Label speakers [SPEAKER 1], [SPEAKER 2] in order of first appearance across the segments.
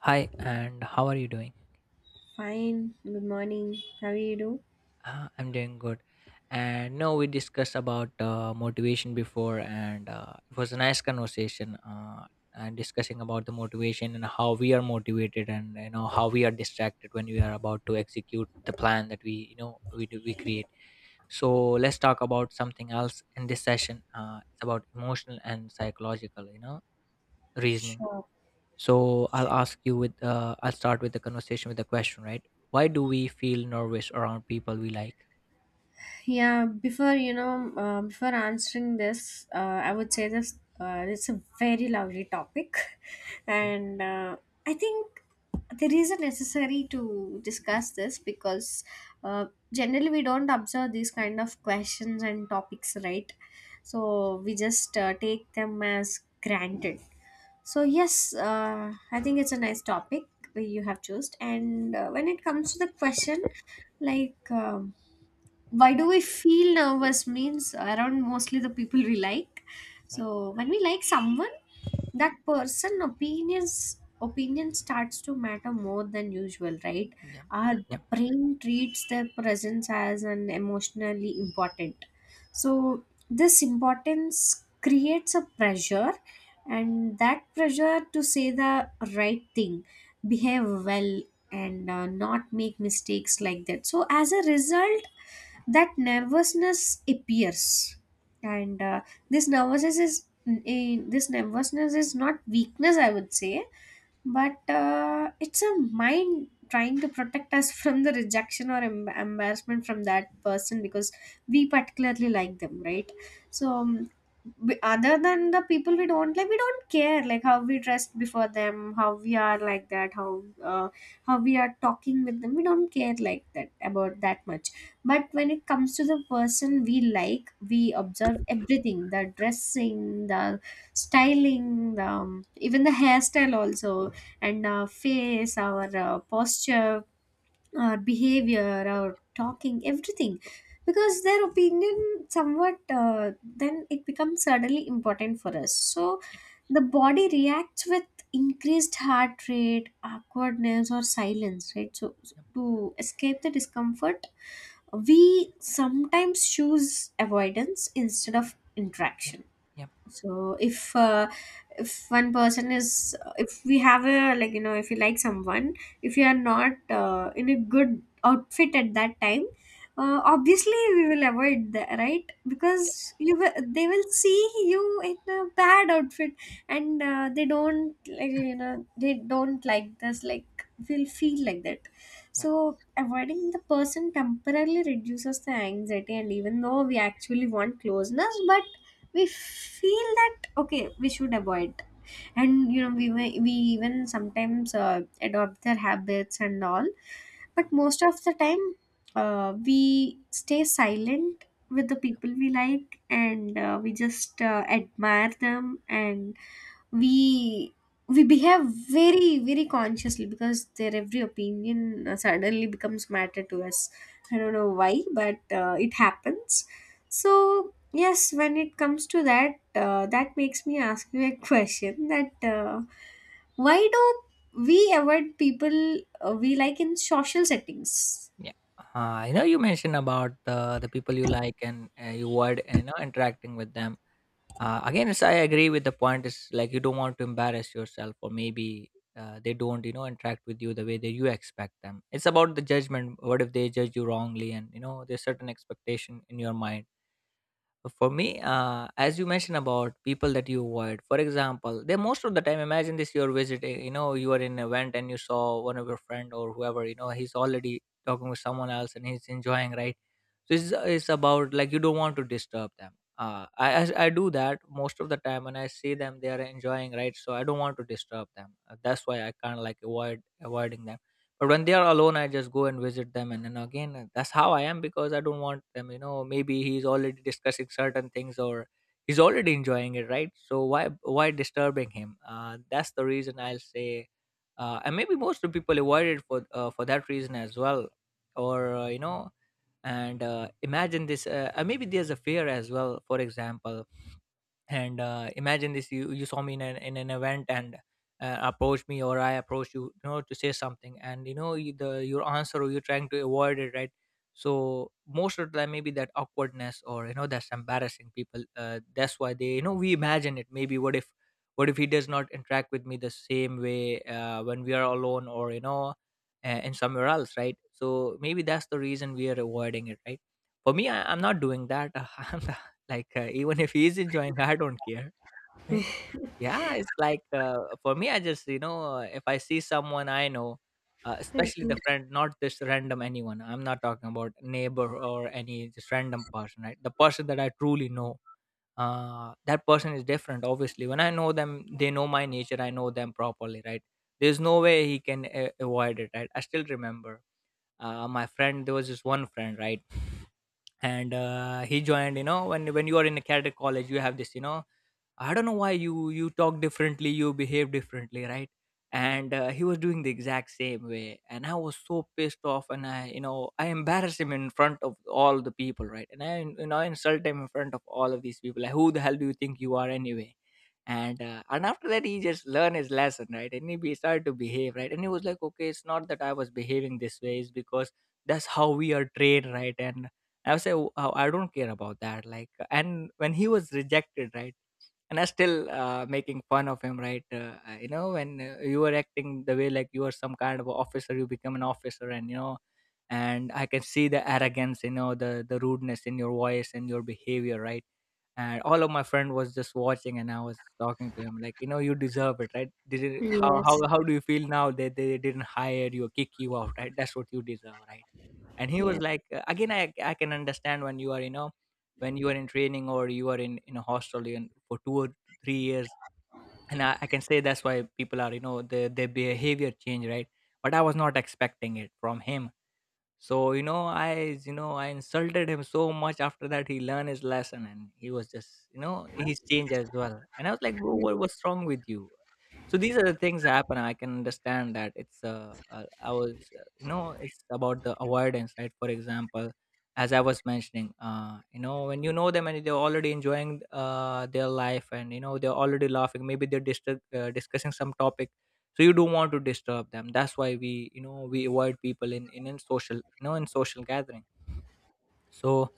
[SPEAKER 1] Hi, and how are you doing?
[SPEAKER 2] Fine. Good morning. How you do?
[SPEAKER 1] I'm doing good. And no, we discussed about motivation before, and it was a nice conversation. And discussing about the motivation and how we are motivated, and how we are distracted when we are about to execute the plan that we you know we do we create. So let's talk about something else in this session. It's about emotional and psychological, reasoning.
[SPEAKER 2] Sure.
[SPEAKER 1] So I'll start with the conversation with the question, right? Why do we feel nervous around people we like?
[SPEAKER 2] Yeah. Before answering this, I would say this. It's a very lovely topic,
[SPEAKER 1] Okay.
[SPEAKER 2] and I think there is a necessary to discuss this because uh, generally we don't observe these kind of questions and topics, right? So we just take them as granted. So yes, I think it's a nice topic you have chosen. And when it comes to the question, like why do we feel nervous means around mostly the people we like.
[SPEAKER 1] Yeah.
[SPEAKER 2] So when we like someone, that person opinions opinion starts to matter more than usual, right?
[SPEAKER 1] Yeah.
[SPEAKER 2] Our
[SPEAKER 1] Yeah.
[SPEAKER 2] brain treats their presence as an emotionally important. So this importance creates a pressure, and that pressure to say the right thing, behave well, and not make mistakes like that. So as a result, that nervousness appears. And this nervousness is this nervousness is not weakness, I would say, but it's a mind trying to protect us from the rejection or embarrassment from that person because we particularly like them, right? So other than the people we don't like, we don't care like how we dressed before them, how we are like that, how we are talking with them. We don't care like that about that much. But when it comes to the person we like, we observe everything: the dressing, the styling, the even the hairstyle also, and our face, our posture, our behavior, our talking, everything. Because their opinion somewhat, then it becomes suddenly important for us. So
[SPEAKER 1] Yeah.
[SPEAKER 2] the body reacts with increased heart rate, awkwardness, or silence, right? So
[SPEAKER 1] Yeah.
[SPEAKER 2] to escape the discomfort, we sometimes choose avoidance instead of
[SPEAKER 1] Yeah.
[SPEAKER 2] interaction.
[SPEAKER 1] Yeah.
[SPEAKER 2] So if one person is, if we have a like, you know, if you like someone, if you are not in a good outfit at that time, obviously we will avoid that, right? Because you will, they will see you in a bad outfit, and they don't, like, you know, they don't like this, like, will feel like that.
[SPEAKER 1] Yeah.
[SPEAKER 2] So avoiding the person temporarily reduces the anxiety, and even though we actually want closeness, but we feel that, okay, we should avoid. And you know we even sometimes adopt their habits and all,
[SPEAKER 1] Yeah.
[SPEAKER 2] but most of the time we stay silent with the people we like, and we just admire them and we we behave very very consciously because their every opinion suddenly becomes matter to us. I don't know why, but it happens. So yes, when it comes to that, that makes me ask you a question that why do we avoid people we like in social settings.
[SPEAKER 1] Yeah. I know you mentioned about the people you like, and you avoid interacting with them. Again, I agree with the point. Is like you don't want to embarrass yourself, or maybe they don't interact with you the way that you expect them. It's about the judgment. What if they judge you wrongly? And there's certain expectation in your mind. For me, as you mentioned about people that you avoid, for example, they most of the time. Imagine this: you're visiting, you are in an event and you saw one of your friend or whoever, he's already talking with someone else and he's enjoying, right? So it's about like you don't want to disturb them. I do that most of the time. When I see them they are enjoying, right? So I don't want to disturb them. That's why I kind of like avoiding them. But when they are alone I just go and visit them. And then again, that's how I am, because I don't want them. Maybe he's already discussing certain things, or he's already enjoying it, right? So why disturbing him? That's the reason I'll say. And maybe most of the people avoid it for for that reason as well. Or you know And imagine this. Maybe there's a fear as well, for example. And imagine this: you saw me in an event and approached me, or I approached you, you know to say something. And your answer, or you're trying to avoid it, right? So most of the time, maybe that awkwardness, or that's embarrassing people. That's why they, we imagine it. Maybe what if, he does not interact with me the same way, when we are alone or in somewhere else, right? So maybe that's the reason we are avoiding it, right. For me, I'm not doing that. I'm like, even if he's enjoying, I don't care. Right? Yeah, it's like, for me, I just, if I see someone I know,
[SPEAKER 2] Okay.
[SPEAKER 1] especially the friend, not just random anyone. I'm not talking about neighbor or any just random person, right? The person that I truly know. That person is different. Obviously, when I know them, they know my nature. I know them properly, right? There's no way he can avoid it, right? I still remember, my friend. There was this one friend, right? And he joined, when you are in a cadet college you have this, I don't know why you talk differently, you behave differently, right? And he was doing the exact same way, and I was so pissed off, and I you know I embarrassed him in front of all the people, right? And I you know I insult him in front of all of these people. Like, who the hell do you think you are anyway? And after that, he just learned his lesson, right? And he started to behave, right? And he was like, okay, it's not that I was behaving this way, it's because that's how we are trained, right? And I was like, "Oh, I don't care about that." Like, and when he was rejected, right? And I still, making fun of him, right. When you were acting the way like you are some kind of a officer, you become an officer, and you know and I can see the arrogance, the rudeness in your voice and your behavior, right. And all of my friend was just watching, and I was talking to him like, you deserve it, right. Did it, how, how
[SPEAKER 2] Yes,
[SPEAKER 1] how do you feel now that they didn't hire you, kick you out, right? That's what you deserve, right? And he was
[SPEAKER 2] yes.
[SPEAKER 1] like, again, I can understand when you are, when you are in training, or you are in a hostel, for 2 or 3 years, and I can say that's why people are, their behavior change, right. But I was not expecting it from him. So, I insulted him so much. After that he learned his lesson, and he was just, he's changed as well. And I was like, bro,
[SPEAKER 2] Yeah.
[SPEAKER 1] what's wrong with you? So these are the things that happen. I can understand that it's, I was, you know, it's about the avoidance, right? For example, as I was mentioning, when you know them and they're already enjoying their life, and, they're already laughing, maybe they're discussing some topic. So you don't want to disturb them. That's why we you know we avoid people in social, in social gathering. So,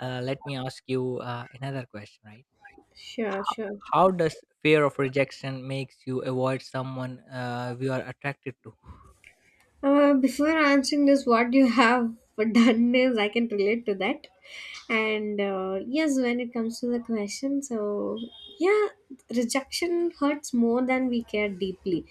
[SPEAKER 1] let me ask you another question, right?
[SPEAKER 2] Sure,
[SPEAKER 1] how,
[SPEAKER 2] sure.
[SPEAKER 1] how does fear of rejection makes you avoid someone we are attracted to?
[SPEAKER 2] Before answering this, what you have done is I can relate to that. And yes, when it comes to the question, so yeah, rejection hurts more than we care deeply.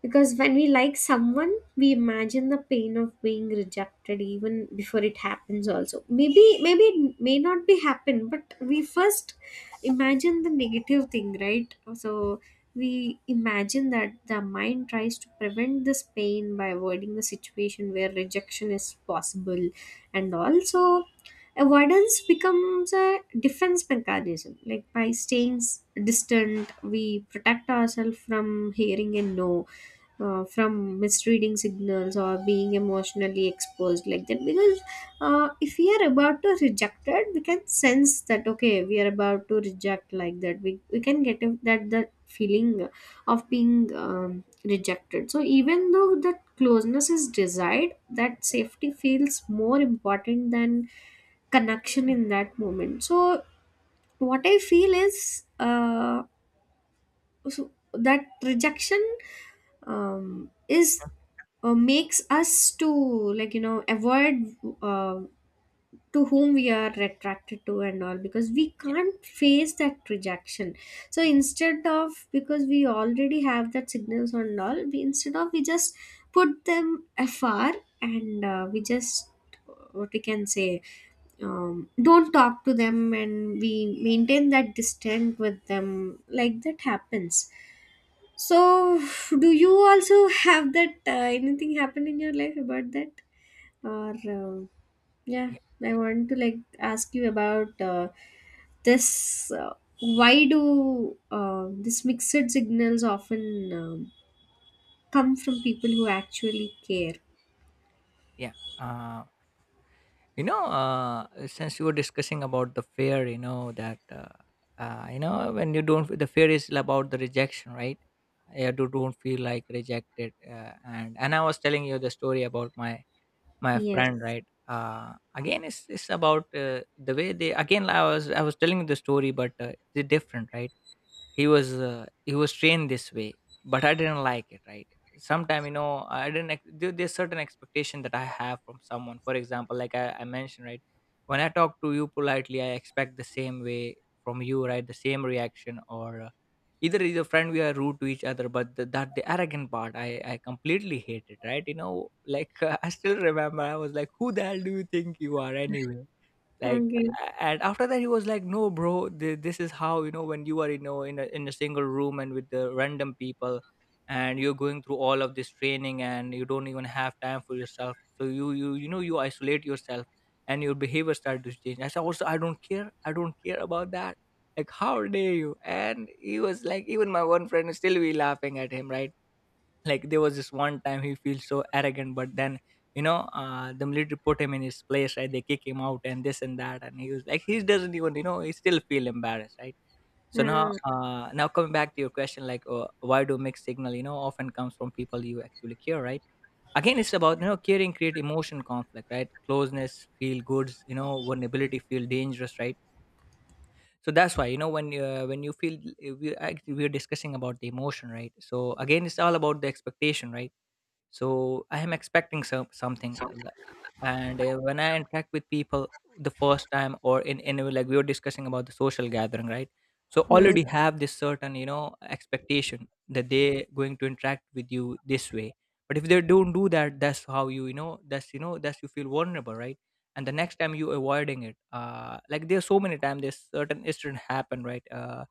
[SPEAKER 2] Because when we like someone, we imagine the pain of being rejected even before it happens also. Maybe it may not be happen, but we first imagine the negative thing, right? So we imagine that the mind tries to prevent this pain by avoiding the situation where rejection is possible. And also avoidance becomes a defense mechanism, like by staying distant we protect ourselves from hearing a no, from misreading signals or being emotionally exposed like that. Because if we are about to reject it, we can sense that, okay, we are about to reject like that. We can get that that feeling of being rejected. So even though that closeness is desired, that safety feels more important than connection in that moment. So what I feel is so that rejection is makes us to, like, you know, avoid uh, to whom we are attracted to and all, because we
[SPEAKER 1] Yeah.
[SPEAKER 2] can't face that rejection. So instead of, because we already have that signals and all, we instead of we just put them afar, and we just, what we can say, don't talk to them and we maintain that distance with them, like that happens. So do you also have that anything happen in your life about that? Or uh, yeah,
[SPEAKER 1] Yeah,
[SPEAKER 2] I want to like ask you about this. Why do these mixed signals often come from people who actually care?
[SPEAKER 1] yeah. Uh, since you were discussing about the fear, you know that you know when you don't, the fear is about the rejection, right. Yeah, you do, don't feel like rejected, and I was telling you the story about my friend,
[SPEAKER 2] Yes.
[SPEAKER 1] right. Again, it's about the way they. Again, I was telling you the story, but they're different, right. He was trained this way, but I didn't like it. Right? Sometime, I didn't. There's certain expectation that I have from someone. For example, like I mentioned, right? When I talk to you politely, I expect the same way from you, right? The same reaction, or either is a friend we are rude to each other, but the, that the arrogant part I completely hate it, right. Like I still remember, I was like, who the hell do you think you are anyway. Like,
[SPEAKER 2] Okay.
[SPEAKER 1] and after that he was like, no bro, this is how, when you are, in a single room and with the random people, and you're going through all of this training and you don't even have time for yourself, so you isolate yourself. And your behavior started to change. I said also, I don't care about that. Like, how dare you. And he was like, even my one friend still be laughing at him, right. Like, there was this one time he feels so arrogant, but then the military put him in his place, right? They kick him out and this and that, and he was like, he doesn't even, he still feel embarrassed, right? So now,
[SPEAKER 2] Ah,
[SPEAKER 1] coming back to your question, like, why do mixed signal, often comes from people you actually care, right? Again, it's about, caring create emotion conflict, right? Closeness feel goods, vulnerability feel dangerous, right? So that's why, when you feel, we actually, we are discussing about the emotion, right? So again, it's all about the expectation, right? So I am expecting something and when I interact with people the first time, or like we were discussing about the social gathering, right. So
[SPEAKER 2] yes.
[SPEAKER 1] already have this certain, expectation that they going to interact with you this way. But if they don't do that, that's how you you know that's you know that's you feel vulnerable, right. And the next time you avoiding it, like there's so many times this certain incident happened, right. uh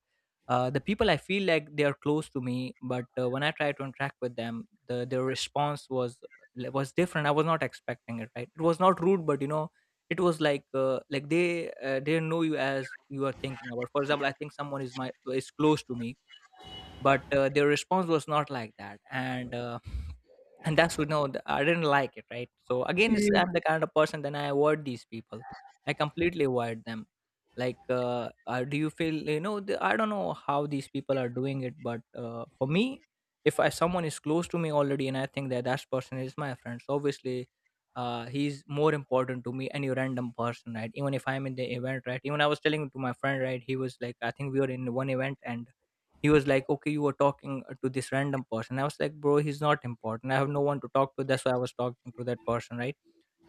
[SPEAKER 1] uh, The people I feel like they are close to me, but when I try to interact with them, their response was different. I was not expecting it. Right? It was not rude, but you know, it was like they know you as you are thinking about. For example, I think someone is close to me, but their response was not like that and and that's you know th- I didn't like it, right? So again, I'm
[SPEAKER 2] Mm.
[SPEAKER 1] the kind of person, then I avoid these people. I completely avoid them. Like do you feel, you know, I don't know how these people are doing it, but for me, if I, someone is close to me already and I think that that person is my friend, so obviously he's more important to me any random person, right? Even if I'm in the event, right? Even I was telling to my friend, right? He was like, I think we were in one event, and he was like, okay, you were talking to this random person. I was like, bro, he's not important, I have no one to talk to, that's why I was talking to that person, right?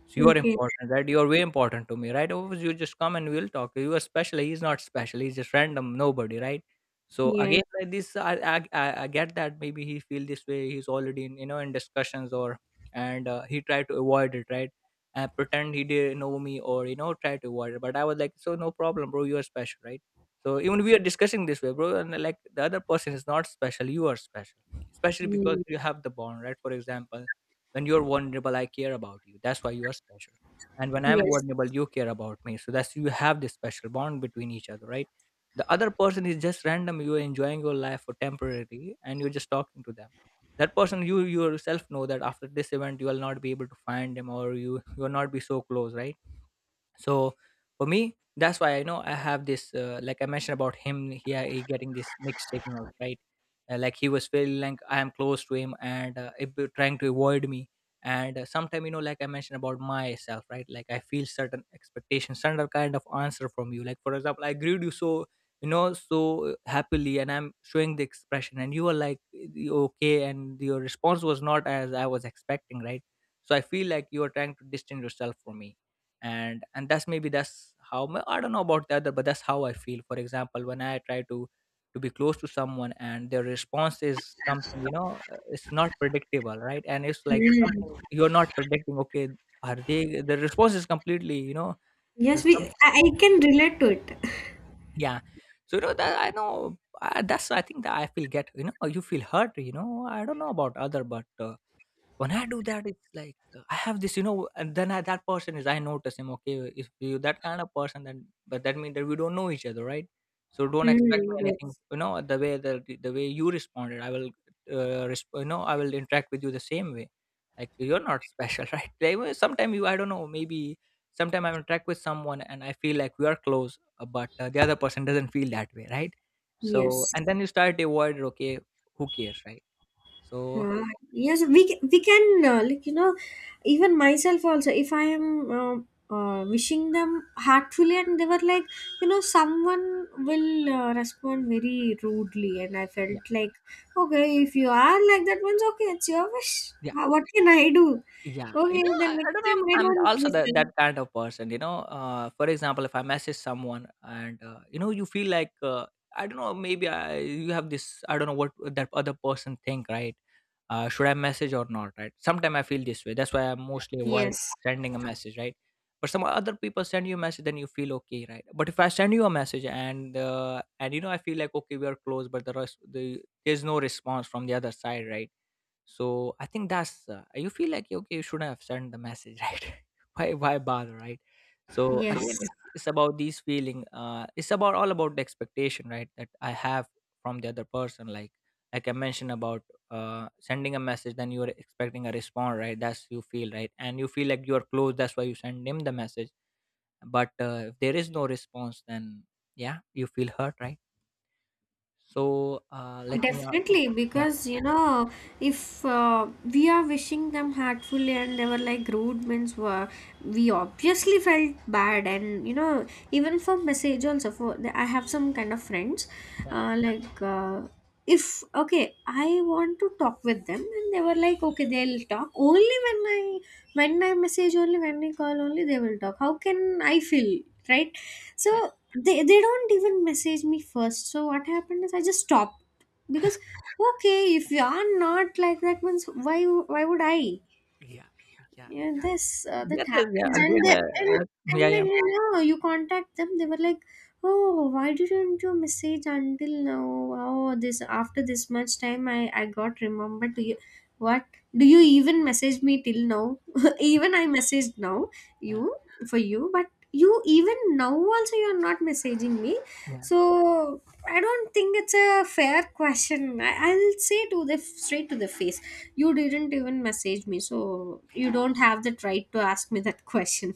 [SPEAKER 1] So you are
[SPEAKER 2] Okay.
[SPEAKER 1] important, right? You're way important to me, right? Otherwise, you just come and we'll talk. You are special. He's not special. He's just random, nobody, right? So
[SPEAKER 2] Yes.
[SPEAKER 1] again, like this, I get that maybe he feel this way. He's already in, you know, in discussions or, and he tried to avoid it, right? And pretend he didn't know me or, you know, try to avoid it. But I was like, so no problem, bro. You are special, right? So even we are discussing this way, bro. And like the other person is not special. You are special, especially because
[SPEAKER 2] Mm.
[SPEAKER 1] you have the bond, right? For example, when you're vulnerable, I care about you, that's why you are special. And when I'm
[SPEAKER 2] Yes.
[SPEAKER 1] vulnerable, you care about me, so that's, you have this special bond between each other, right? The other person is just random, you're enjoying your life for temporarily, and you're just talking to them. That person, you yourself know that after this event you will not be able to find him, or you will not be so close, right? So for me, that's why I know I have this, like I mentioned about him, he getting this mixed signal, right? Like he was feeling like I am close to him, and if they're trying to avoid me. And sometime, you know, like I mentioned about myself, right? Like I feel certain expectations, certain kind of answer from you. Like for example, I greet you so, you know, so happily, and I'm showing the expression, and you were like, okay, and your response was not as I was expecting, right? So I feel like you are trying to distance yourself from me. And that's maybe that's how my, I don't know about the other, but that's how I feel. For example, when I try to be close to someone and their response is something, you know, it's not predictable, right? And it's like something
[SPEAKER 2] Mm.
[SPEAKER 1] you're not predicting. Okay, are they, the response is completely, you know,
[SPEAKER 2] Yes. We.
[SPEAKER 1] some,
[SPEAKER 2] I can relate to it.
[SPEAKER 1] yeah. So you know that I know, that's, I think that I feel, get, you know, you feel hurt, you know, I don't know about other, but when I do that, it's like I have this, you know. And then I, that person is, I notice him. Okay, if you that kind of person, then but that means that we don't know each other, right? So don't expect
[SPEAKER 2] Mm.
[SPEAKER 1] me anything.
[SPEAKER 2] Yes.
[SPEAKER 1] You know the way the way you responded, I will, you know, I will interact with you the same way. Like you're not special, right? Like, sometimes I don't know, maybe sometimes I interact with someone and I feel like we are close, but the other person doesn't feel that way, right? So
[SPEAKER 2] Yes.
[SPEAKER 1] and then you start to avoid. Okay, who cares, right? So
[SPEAKER 2] Uh, we can, like, you know, even myself also. If I am wishing them heartfully, and they were like, you know, someone will respond very rudely, and I
[SPEAKER 1] yeah,
[SPEAKER 2] felt like, okay, if you are like that, means okay, it's your wish.
[SPEAKER 1] yeah.
[SPEAKER 2] What can I do?
[SPEAKER 1] Yeah, you
[SPEAKER 2] Okay,
[SPEAKER 1] know, I
[SPEAKER 2] then
[SPEAKER 1] I
[SPEAKER 2] next
[SPEAKER 1] don't know.
[SPEAKER 2] time I
[SPEAKER 1] I'm
[SPEAKER 2] don't
[SPEAKER 1] also that
[SPEAKER 2] listen.
[SPEAKER 1] kind of person. You know, for example, if I message someone and you know, you feel like I don't know, maybe I, you have this. I don't know what that other person think, right? Should I message or not, right? Sometimes I feel this way. That's why I mostly avoid
[SPEAKER 2] Yes,
[SPEAKER 1] sending a message, right? But some other people send you a message, then you feel okay, right? But if I send you a message and and you know, I feel like okay, we are close, but there's no response from the other side, right? So I think that's you feel like okay, you shouldn't have sent the message, right? Why bother, right? So
[SPEAKER 2] yes.
[SPEAKER 1] again, it's about these feeling. It's about all about the expectation, right? That I have from the other person. Like I mentioned about sending a message, then you are expecting a response, right? That's you feel right, and you feel like you are close. That's why you send him the message. But if there is no response, then yeah, you feel hurt, right? So let me
[SPEAKER 2] Definitely,
[SPEAKER 1] yeah,
[SPEAKER 2] because you know, if we are wishing them heartfully and they were like rude means were, we obviously felt bad. And you know, even for message also, for the, I have some kind of friends,
[SPEAKER 1] yeah,
[SPEAKER 2] uh, like uh, if okay I want to talk with them, and they were like, okay, they'll talk only when I message, only when I call, only they will talk, how can I feel, right?
[SPEAKER 1] yeah,
[SPEAKER 2] So they don't even message me first. So what happened is I just stopped, because okay, if you are not like that, means why would I?
[SPEAKER 1] yeah, yeah.
[SPEAKER 2] Yeah, this that
[SPEAKER 1] That is, yeah,
[SPEAKER 2] happens. and,
[SPEAKER 1] again,
[SPEAKER 2] they, and
[SPEAKER 1] like yeah,
[SPEAKER 2] and
[SPEAKER 1] yeah,
[SPEAKER 2] then you know you contact them, they were like, oh, why didn't you message until now? Oh, this, after this much time, I got remembered to you. What, do you even message me till now? Even I messaged now
[SPEAKER 1] yeah,
[SPEAKER 2] you for you, but you, even now also, you're not messaging me.
[SPEAKER 1] yeah,
[SPEAKER 2] So I don't think it's a fair question. I'll say to the straight to the face. You didn't even message me, so
[SPEAKER 1] yeah,
[SPEAKER 2] you
[SPEAKER 1] yeah,
[SPEAKER 2] don't have that right to ask me that question.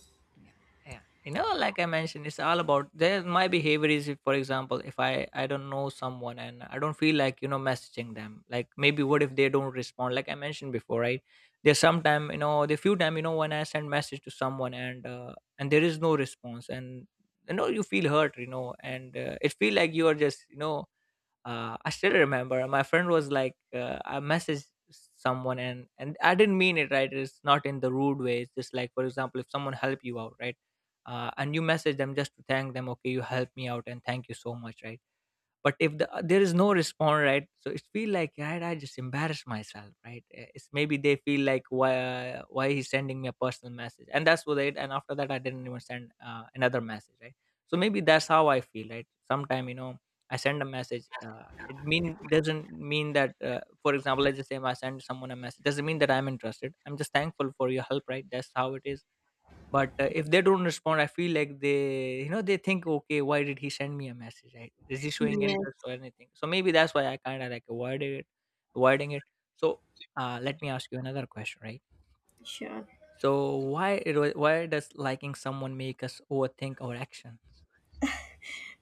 [SPEAKER 1] yeah. You know, like I mentioned, it's all about there. My behavior is, if, for example, if I don't know someone and I don't feel like, you know, messaging them, like maybe what if they don't respond? Like I mentioned before, right? There's sometime, you know, the few time you know, when I send message to someone and and there is no response, and you know you feel hurt, you know, and it feel like you are just, you know, I still remember my friend was like, I messaged someone and I didn't mean it, right? It's not in the rude way. It's just like, for example, if someone help you out, right? And you message them just to thank them, okay, you helped me out and thank you so much, right? But if there is no response, right? So it feel like, right, I just embarrass myself, right? It's maybe they feel like why he's sending me a personal message, and that's what it, and after that I didn't even send another message, right? So maybe that's how I feel, right? Sometime, you know, I send a message, it mean doesn't mean that for example, let's just say I send someone a message, doesn't mean that I'm interested, I'm just thankful for your help, right? That's how it is. But if they don't respond, I feel like they, you know, they think, okay, why did he send me a message? Right? Is he showing
[SPEAKER 2] Yes,
[SPEAKER 1] interest or anything? So maybe that's why I kind of like avoiding it. So let me ask you another question, right?
[SPEAKER 2] sure.
[SPEAKER 1] So why does liking someone make us overthink our action?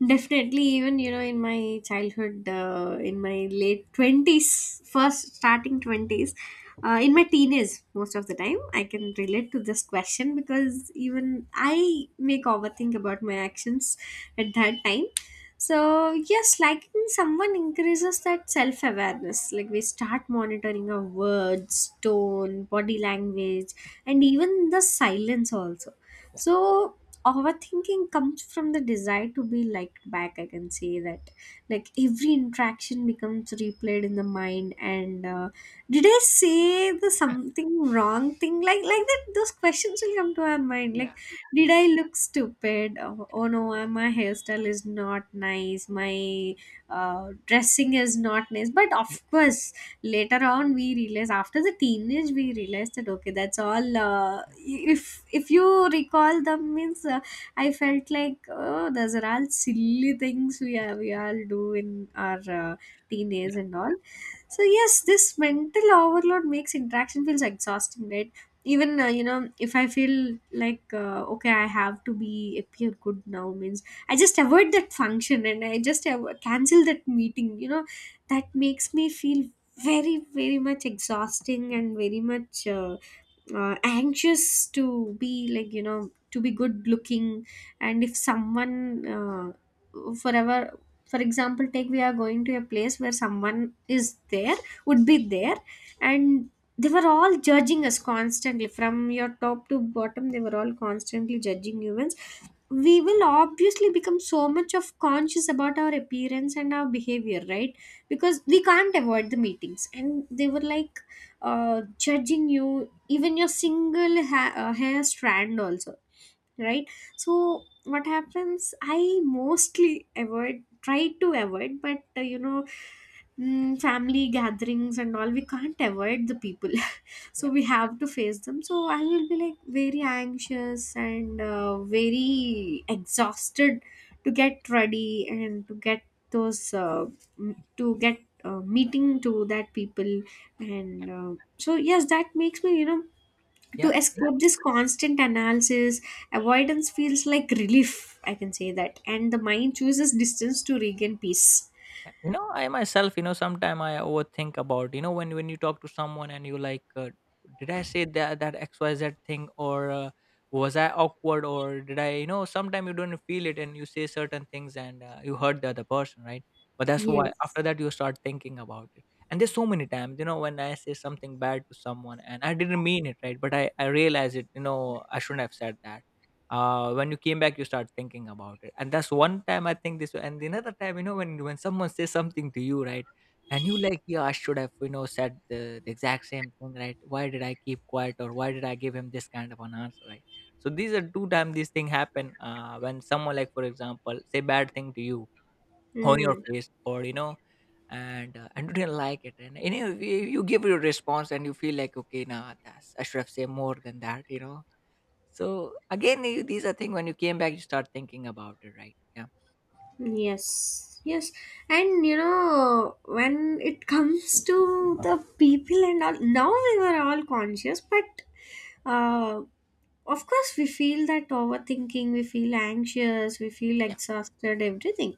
[SPEAKER 2] Definitely, even you know, in my childhood, in my late 20s, first starting twenties, in my teenage, most of the time, I can relate to this question because even I make overthink about my actions at that time. So yes, liking someone increases that self awareness. Like we start monitoring our words, tone, body language, and even the silence also. So overthinking comes from the desire to be liked back, I can say that. Like every interaction becomes replayed in the mind, and did I say the something wrong thing, like that. Those questions will come to our mind
[SPEAKER 1] Yeah.
[SPEAKER 2] like, did
[SPEAKER 1] Yeah.
[SPEAKER 2] I look stupid? Oh, oh no, my hairstyle is not nice, my dressing is not nice. But
[SPEAKER 1] Yeah.
[SPEAKER 2] of course, later on we realized, after the teenage we realized that okay, that's all, if you recall them means, I felt like, oh, those are all silly things we are, we all do in our
[SPEAKER 1] Yeah.
[SPEAKER 2] teenage and all. So yes, this mental overload makes interaction feels exhausting, right? Even you know, if I feel like, okay, I have to be appear good now means, I just avoid that function and I just cancel that meeting, you know. That makes me feel very very much exhausting and very much anxious to be, like, you know, to be good looking. And if someone uh, forever for example, take we are going to a place where someone is there, would be there, and they were all judging us constantly from your top to bottom, they were all constantly judging humans, we will obviously become so much of conscious about our appearance and our behavior, right? Because we can't avoid the meetings, and they were like judging you even your single hair strand also, right? So what happens, I mostly avoid, try to avoid, but you know, family gatherings and all, we can't avoid the people, so we have to face them. So I will be like very anxious and very exhausted to get ready and to get those to get meeting to that people. And So yes, that makes me, you know, to
[SPEAKER 1] Yeah. Yeah.
[SPEAKER 2] escape this constant analysis, avoidance feels like relief, I can say that, and the mind chooses distance to regain peace.
[SPEAKER 1] Yeah, you know, I myself, you know, sometime I overthink about, you know, when you talk to someone and you like did I say that that xyz thing or was I awkward, or did I, you know, sometime you don't feel it and you say certain things, and you hurt the other person, right? But that's why
[SPEAKER 2] Yes.
[SPEAKER 1] after that you start thinking about it. And there's so many times, you know, when I say something bad to someone and I didn't mean it, right? But I realize it, you know, I shouldn't have said that. When you came back you start thinking about it, and that's one time, I think this. And another time, you know, when someone says something to you, right? And you like, yeah, I should have, you know, said the exact same thing, right? Why did I keep quiet, or why did I give him this kind of an answer, right? So these are two times these thing happen, when someone, like for example, say bad thing to you on your
[SPEAKER 2] Mm.
[SPEAKER 1] face, or you know, and and you didn't like it, and you know you give your response and you feel like, okay, nah, that's, I should have said more than that, you know. So again, you, these are things when you came back, you start thinking about it, right? Yeah.
[SPEAKER 2] Yes, yes, and you know, when it comes to the people and all, now we were all conscious, but uh, of course, we feel that overthinking, we feel anxious, we feel
[SPEAKER 1] Yeah.
[SPEAKER 2] exhausted, everything.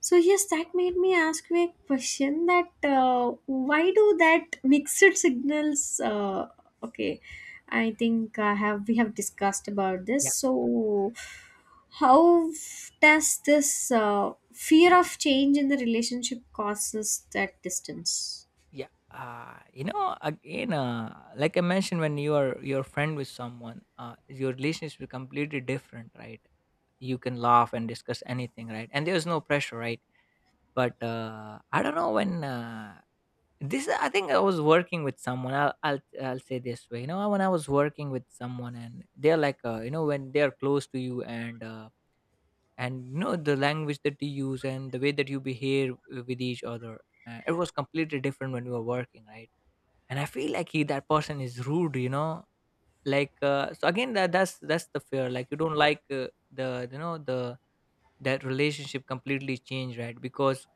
[SPEAKER 2] So yes, that made me ask you a question that why do that mixed signals? Okay, I think I have we have discussed about this.
[SPEAKER 1] Yeah,
[SPEAKER 2] So how does this fear of change in the relationship causes that distance?
[SPEAKER 1] yeah. You know, again, like I mentioned, when you are your friend with someone, your relationship is completely different, right? You can laugh and discuss anything, right? And there's no pressure, right? But I don't know when this. I think I was working with someone. I'll say this way. You know, when I was working with someone, and they're like, you know, when they're close to you and and you know the language that you use and the way that you behave with each other it was completely different when we were working, right? And I feel like he that person is rude, you know, like, so again, that's the fear. Like, you don't like, the, you know, the that relationship completely change, right? because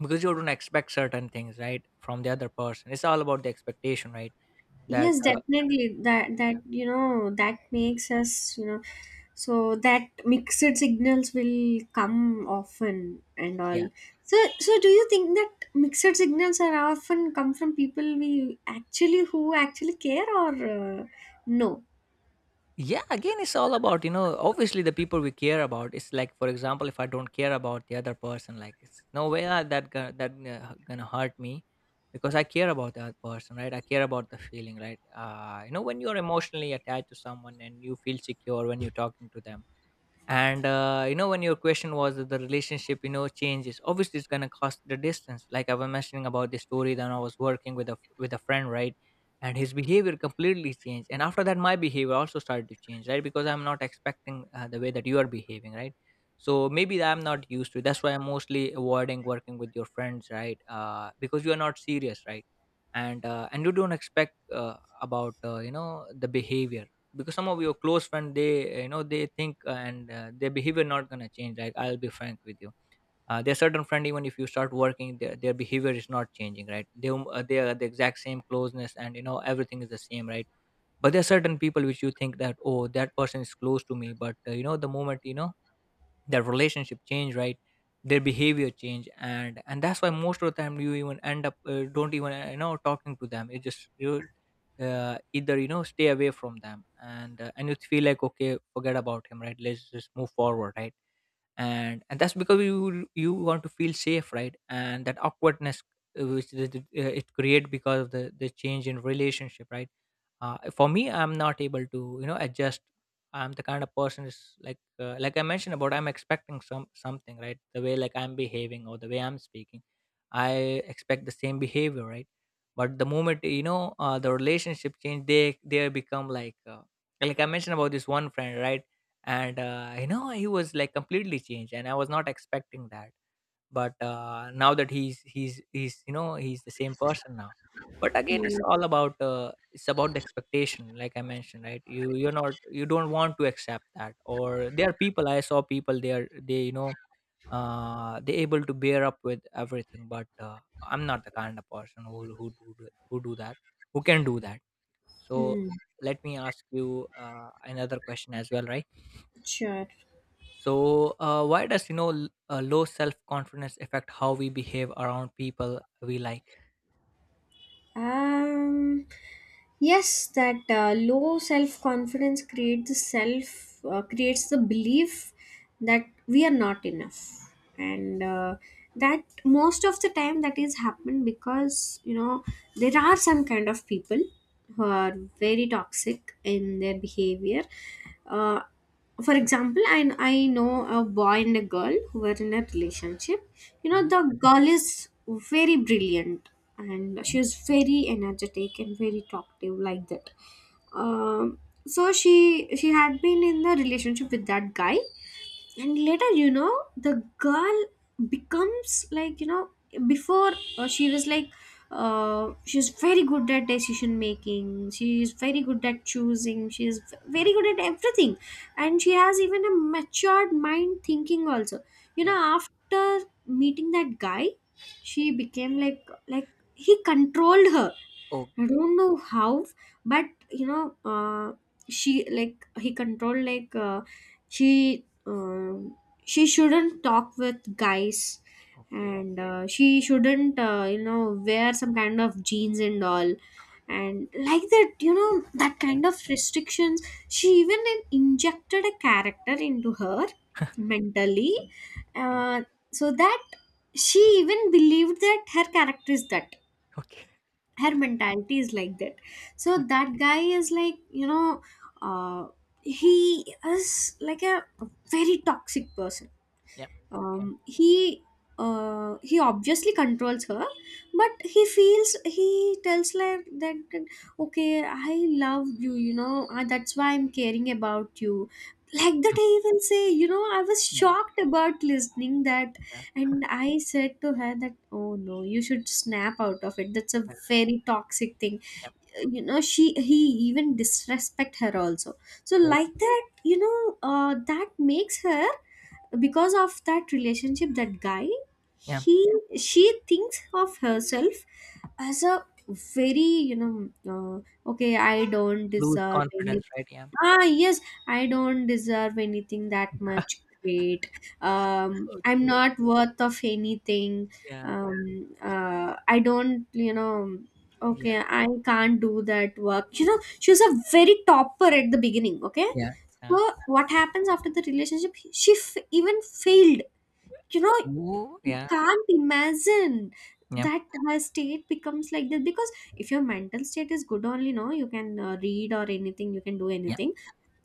[SPEAKER 1] because you don't expect certain things, right, from the other person. It's all about the expectation, right? that
[SPEAKER 2] Yes, definitely.
[SPEAKER 1] yeah,
[SPEAKER 2] That, you know, that makes us, you know, so that mixed signals will come often and
[SPEAKER 1] yeah,
[SPEAKER 2] all. So do you think that mixed signals are often come from people we actually who actually care or uh, no?
[SPEAKER 1] yeah. Again, it's all about, you know, obviously the people we care about. It's like, for example, if I don't care about the other person, like, it's no way that that gonna hurt me, because I care about that person, right? I care about the feeling, right? Uh, you know, when you're emotionally attached to someone and you feel secure when you're talking to them. And you know, when your question was that the relationship, you know, changes, obviously it's going to cost the distance. Like I was mentioning about the story that I was working with a, with a friend, right? And his behavior completely changed, and after that my behavior also started to change, right? Because I'm not expecting, the way that you are behaving, right? So maybe that I'm not used to. That's why I'm mostly avoiding working with your friends, right? Uh, because you are not serious, right? And and you don't expect, about, you know, the behavior. Because some of your close friend, they, you know, they think, and, their behavior not gonna change. Like, I'll be frank with you, there are certain friend, even if you start working, their behavior is not changing, right? They, they are the exact same closeness, and you know, everything is the same, right? But there are certain people which you think that, oh, that person is close to me, but you know, the moment you know, their relationship change, right? Their behavior change, and that's why most of the time you even end up, don't even, you know, talking to them. It just you, either you know, stay away from them, and you feel like, okay, forget about him, right? Let's just move forward, right? And that's because you want to feel safe, right? And that awkwardness, which the it create because of the change in relationship, right? Uh, for me, I'm not able to, you know, adjust. I'm the kind of person is, like, like I mentioned about, I'm expecting something, right? The way like I'm behaving or the way I'm speaking, I expect the same behavior, right? But the moment, you know, the relationship change, they become like, like I mentioned about this one friend, right? And you know, he was like completely changed, and I was not expecting that. But now that he's you know, he's the same person now. But again, it's
[SPEAKER 2] Hmm.
[SPEAKER 1] all about, it's about the expectation, like I mentioned, right? You, you don't want to accept that. Or there are people, I saw people, they are, they you know, they able to bear up with everything. But I'm not the kind of person who who do that, who can do that. So
[SPEAKER 2] Hmm.
[SPEAKER 1] let me ask you another question as well, right?
[SPEAKER 2] Sure.
[SPEAKER 1] So, why does, you know, low self confidence affect how we behave around people we like?
[SPEAKER 2] Um, yes, that low self confidence creates the self creates the belief that we are not enough, and that most of the time that is happened because, you know, there are some kind of people who are very toxic in their behavior. Uh, for example, I know a boy and a girl who were in a relationship. You know,
[SPEAKER 1] Yeah,
[SPEAKER 2] the girl is very brilliant and she is very energetic and very talkative, like that. um, so she had been in the relationship with that guy, and later, you know, the girl becomes like, you know, before she was like, she's very good at decision making, she is very good at choosing, she is
[SPEAKER 1] yeah,
[SPEAKER 2] very good at everything, and she has even a matured mind thinking also. You
[SPEAKER 1] yeah.
[SPEAKER 2] know, after meeting that guy, she became like he controlled her. I
[SPEAKER 1] Okay,
[SPEAKER 2] don't know how, but you know, she, like, he controlled, like, she, um, she shouldn't talk with guys,
[SPEAKER 1] okay,
[SPEAKER 2] and she shouldn't, you know, wear some kind of jeans and all, and like that, you know, that
[SPEAKER 1] yeah,
[SPEAKER 2] kind of restrictions. She even injected a character into her mentally.
[SPEAKER 1] okay,
[SPEAKER 2] uh, so that she even believed that her character is that,
[SPEAKER 1] okay.
[SPEAKER 2] her mentality is like that. So that guy is, like, you know, uh, he is like a very toxic person.
[SPEAKER 1] Yeah, yeah,
[SPEAKER 2] He, he obviously controls her, but he tells her that okay, I love you, you know, that's why I'm caring about you, like that.
[SPEAKER 1] mm,
[SPEAKER 2] I even say, you know, I was
[SPEAKER 1] yeah,
[SPEAKER 2] shocked about listening that,
[SPEAKER 1] yeah,
[SPEAKER 2] and I said to her that, oh no, you should snap out of it, that's a
[SPEAKER 1] yeah,
[SPEAKER 2] very toxic thing.
[SPEAKER 1] yeah.
[SPEAKER 2] You know, she he even disrespect her also, so
[SPEAKER 1] Oh,
[SPEAKER 2] like that, you know, that makes her, because of that relationship, that guy,
[SPEAKER 1] yeah.
[SPEAKER 2] he, she thinks of herself as a very, you know, okay, I don't
[SPEAKER 1] Lose
[SPEAKER 2] deserve any,
[SPEAKER 1] confidence, right? Yeah.
[SPEAKER 2] ah yes, I don't deserve anything that much great. I'm
[SPEAKER 1] Okay.
[SPEAKER 2] not worth of anything.
[SPEAKER 1] Yeah,
[SPEAKER 2] I don't, you know,
[SPEAKER 1] yeah,
[SPEAKER 2] okay, I can't do that work. You know, she was a very topper at the beginning, okay.
[SPEAKER 1] yeah, yeah.
[SPEAKER 2] So what happens after the relationship? She even failed. You know,
[SPEAKER 1] Ooh,
[SPEAKER 2] you
[SPEAKER 1] yeah,
[SPEAKER 2] can't imagine
[SPEAKER 1] yeah,
[SPEAKER 2] that her state becomes like this, because if your mental state is good only, no, you can read or anything, you can do
[SPEAKER 1] yeah,
[SPEAKER 2] anything.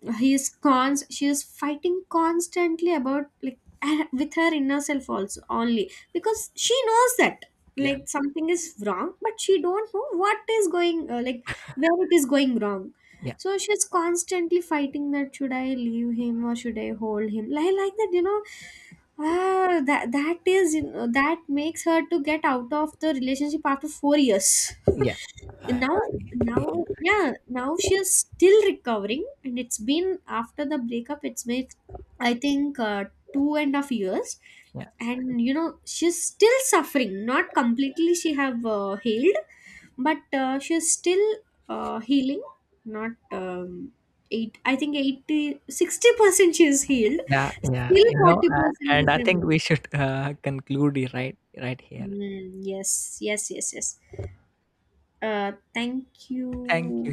[SPEAKER 1] yeah,
[SPEAKER 2] He is cons She is fighting constantly about, like, with her inner self also, only because she knows that
[SPEAKER 1] yeah,
[SPEAKER 2] like something is wrong, but she don't know what is going, like, where it is going wrong.
[SPEAKER 1] yeah,
[SPEAKER 2] So she's constantly fighting that, should I leave him or should I hold him, like that, you know. Ah, that is, you know, that makes her to get out of the relationship after 4 years.
[SPEAKER 1] yeah.
[SPEAKER 2] And
[SPEAKER 1] Uh,
[SPEAKER 2] now
[SPEAKER 1] yeah.
[SPEAKER 2] now yeah now she is still recovering, and it's been, after the breakup, it's been, I think, 2.5 years. And you know, she's still suffering, not completely she have healed, but she's still healing. Not 8, I think, 80 60% she is healed.
[SPEAKER 1] Yeah, yeah, yeah.
[SPEAKER 2] Still
[SPEAKER 1] You know,
[SPEAKER 2] 40%
[SPEAKER 1] and
[SPEAKER 2] is
[SPEAKER 1] I think
[SPEAKER 2] remaining.
[SPEAKER 1] we should conclude it right, right here.
[SPEAKER 2] Mm, yes, yes, yes, yes, thank
[SPEAKER 1] Thank
[SPEAKER 2] you.
[SPEAKER 1] you.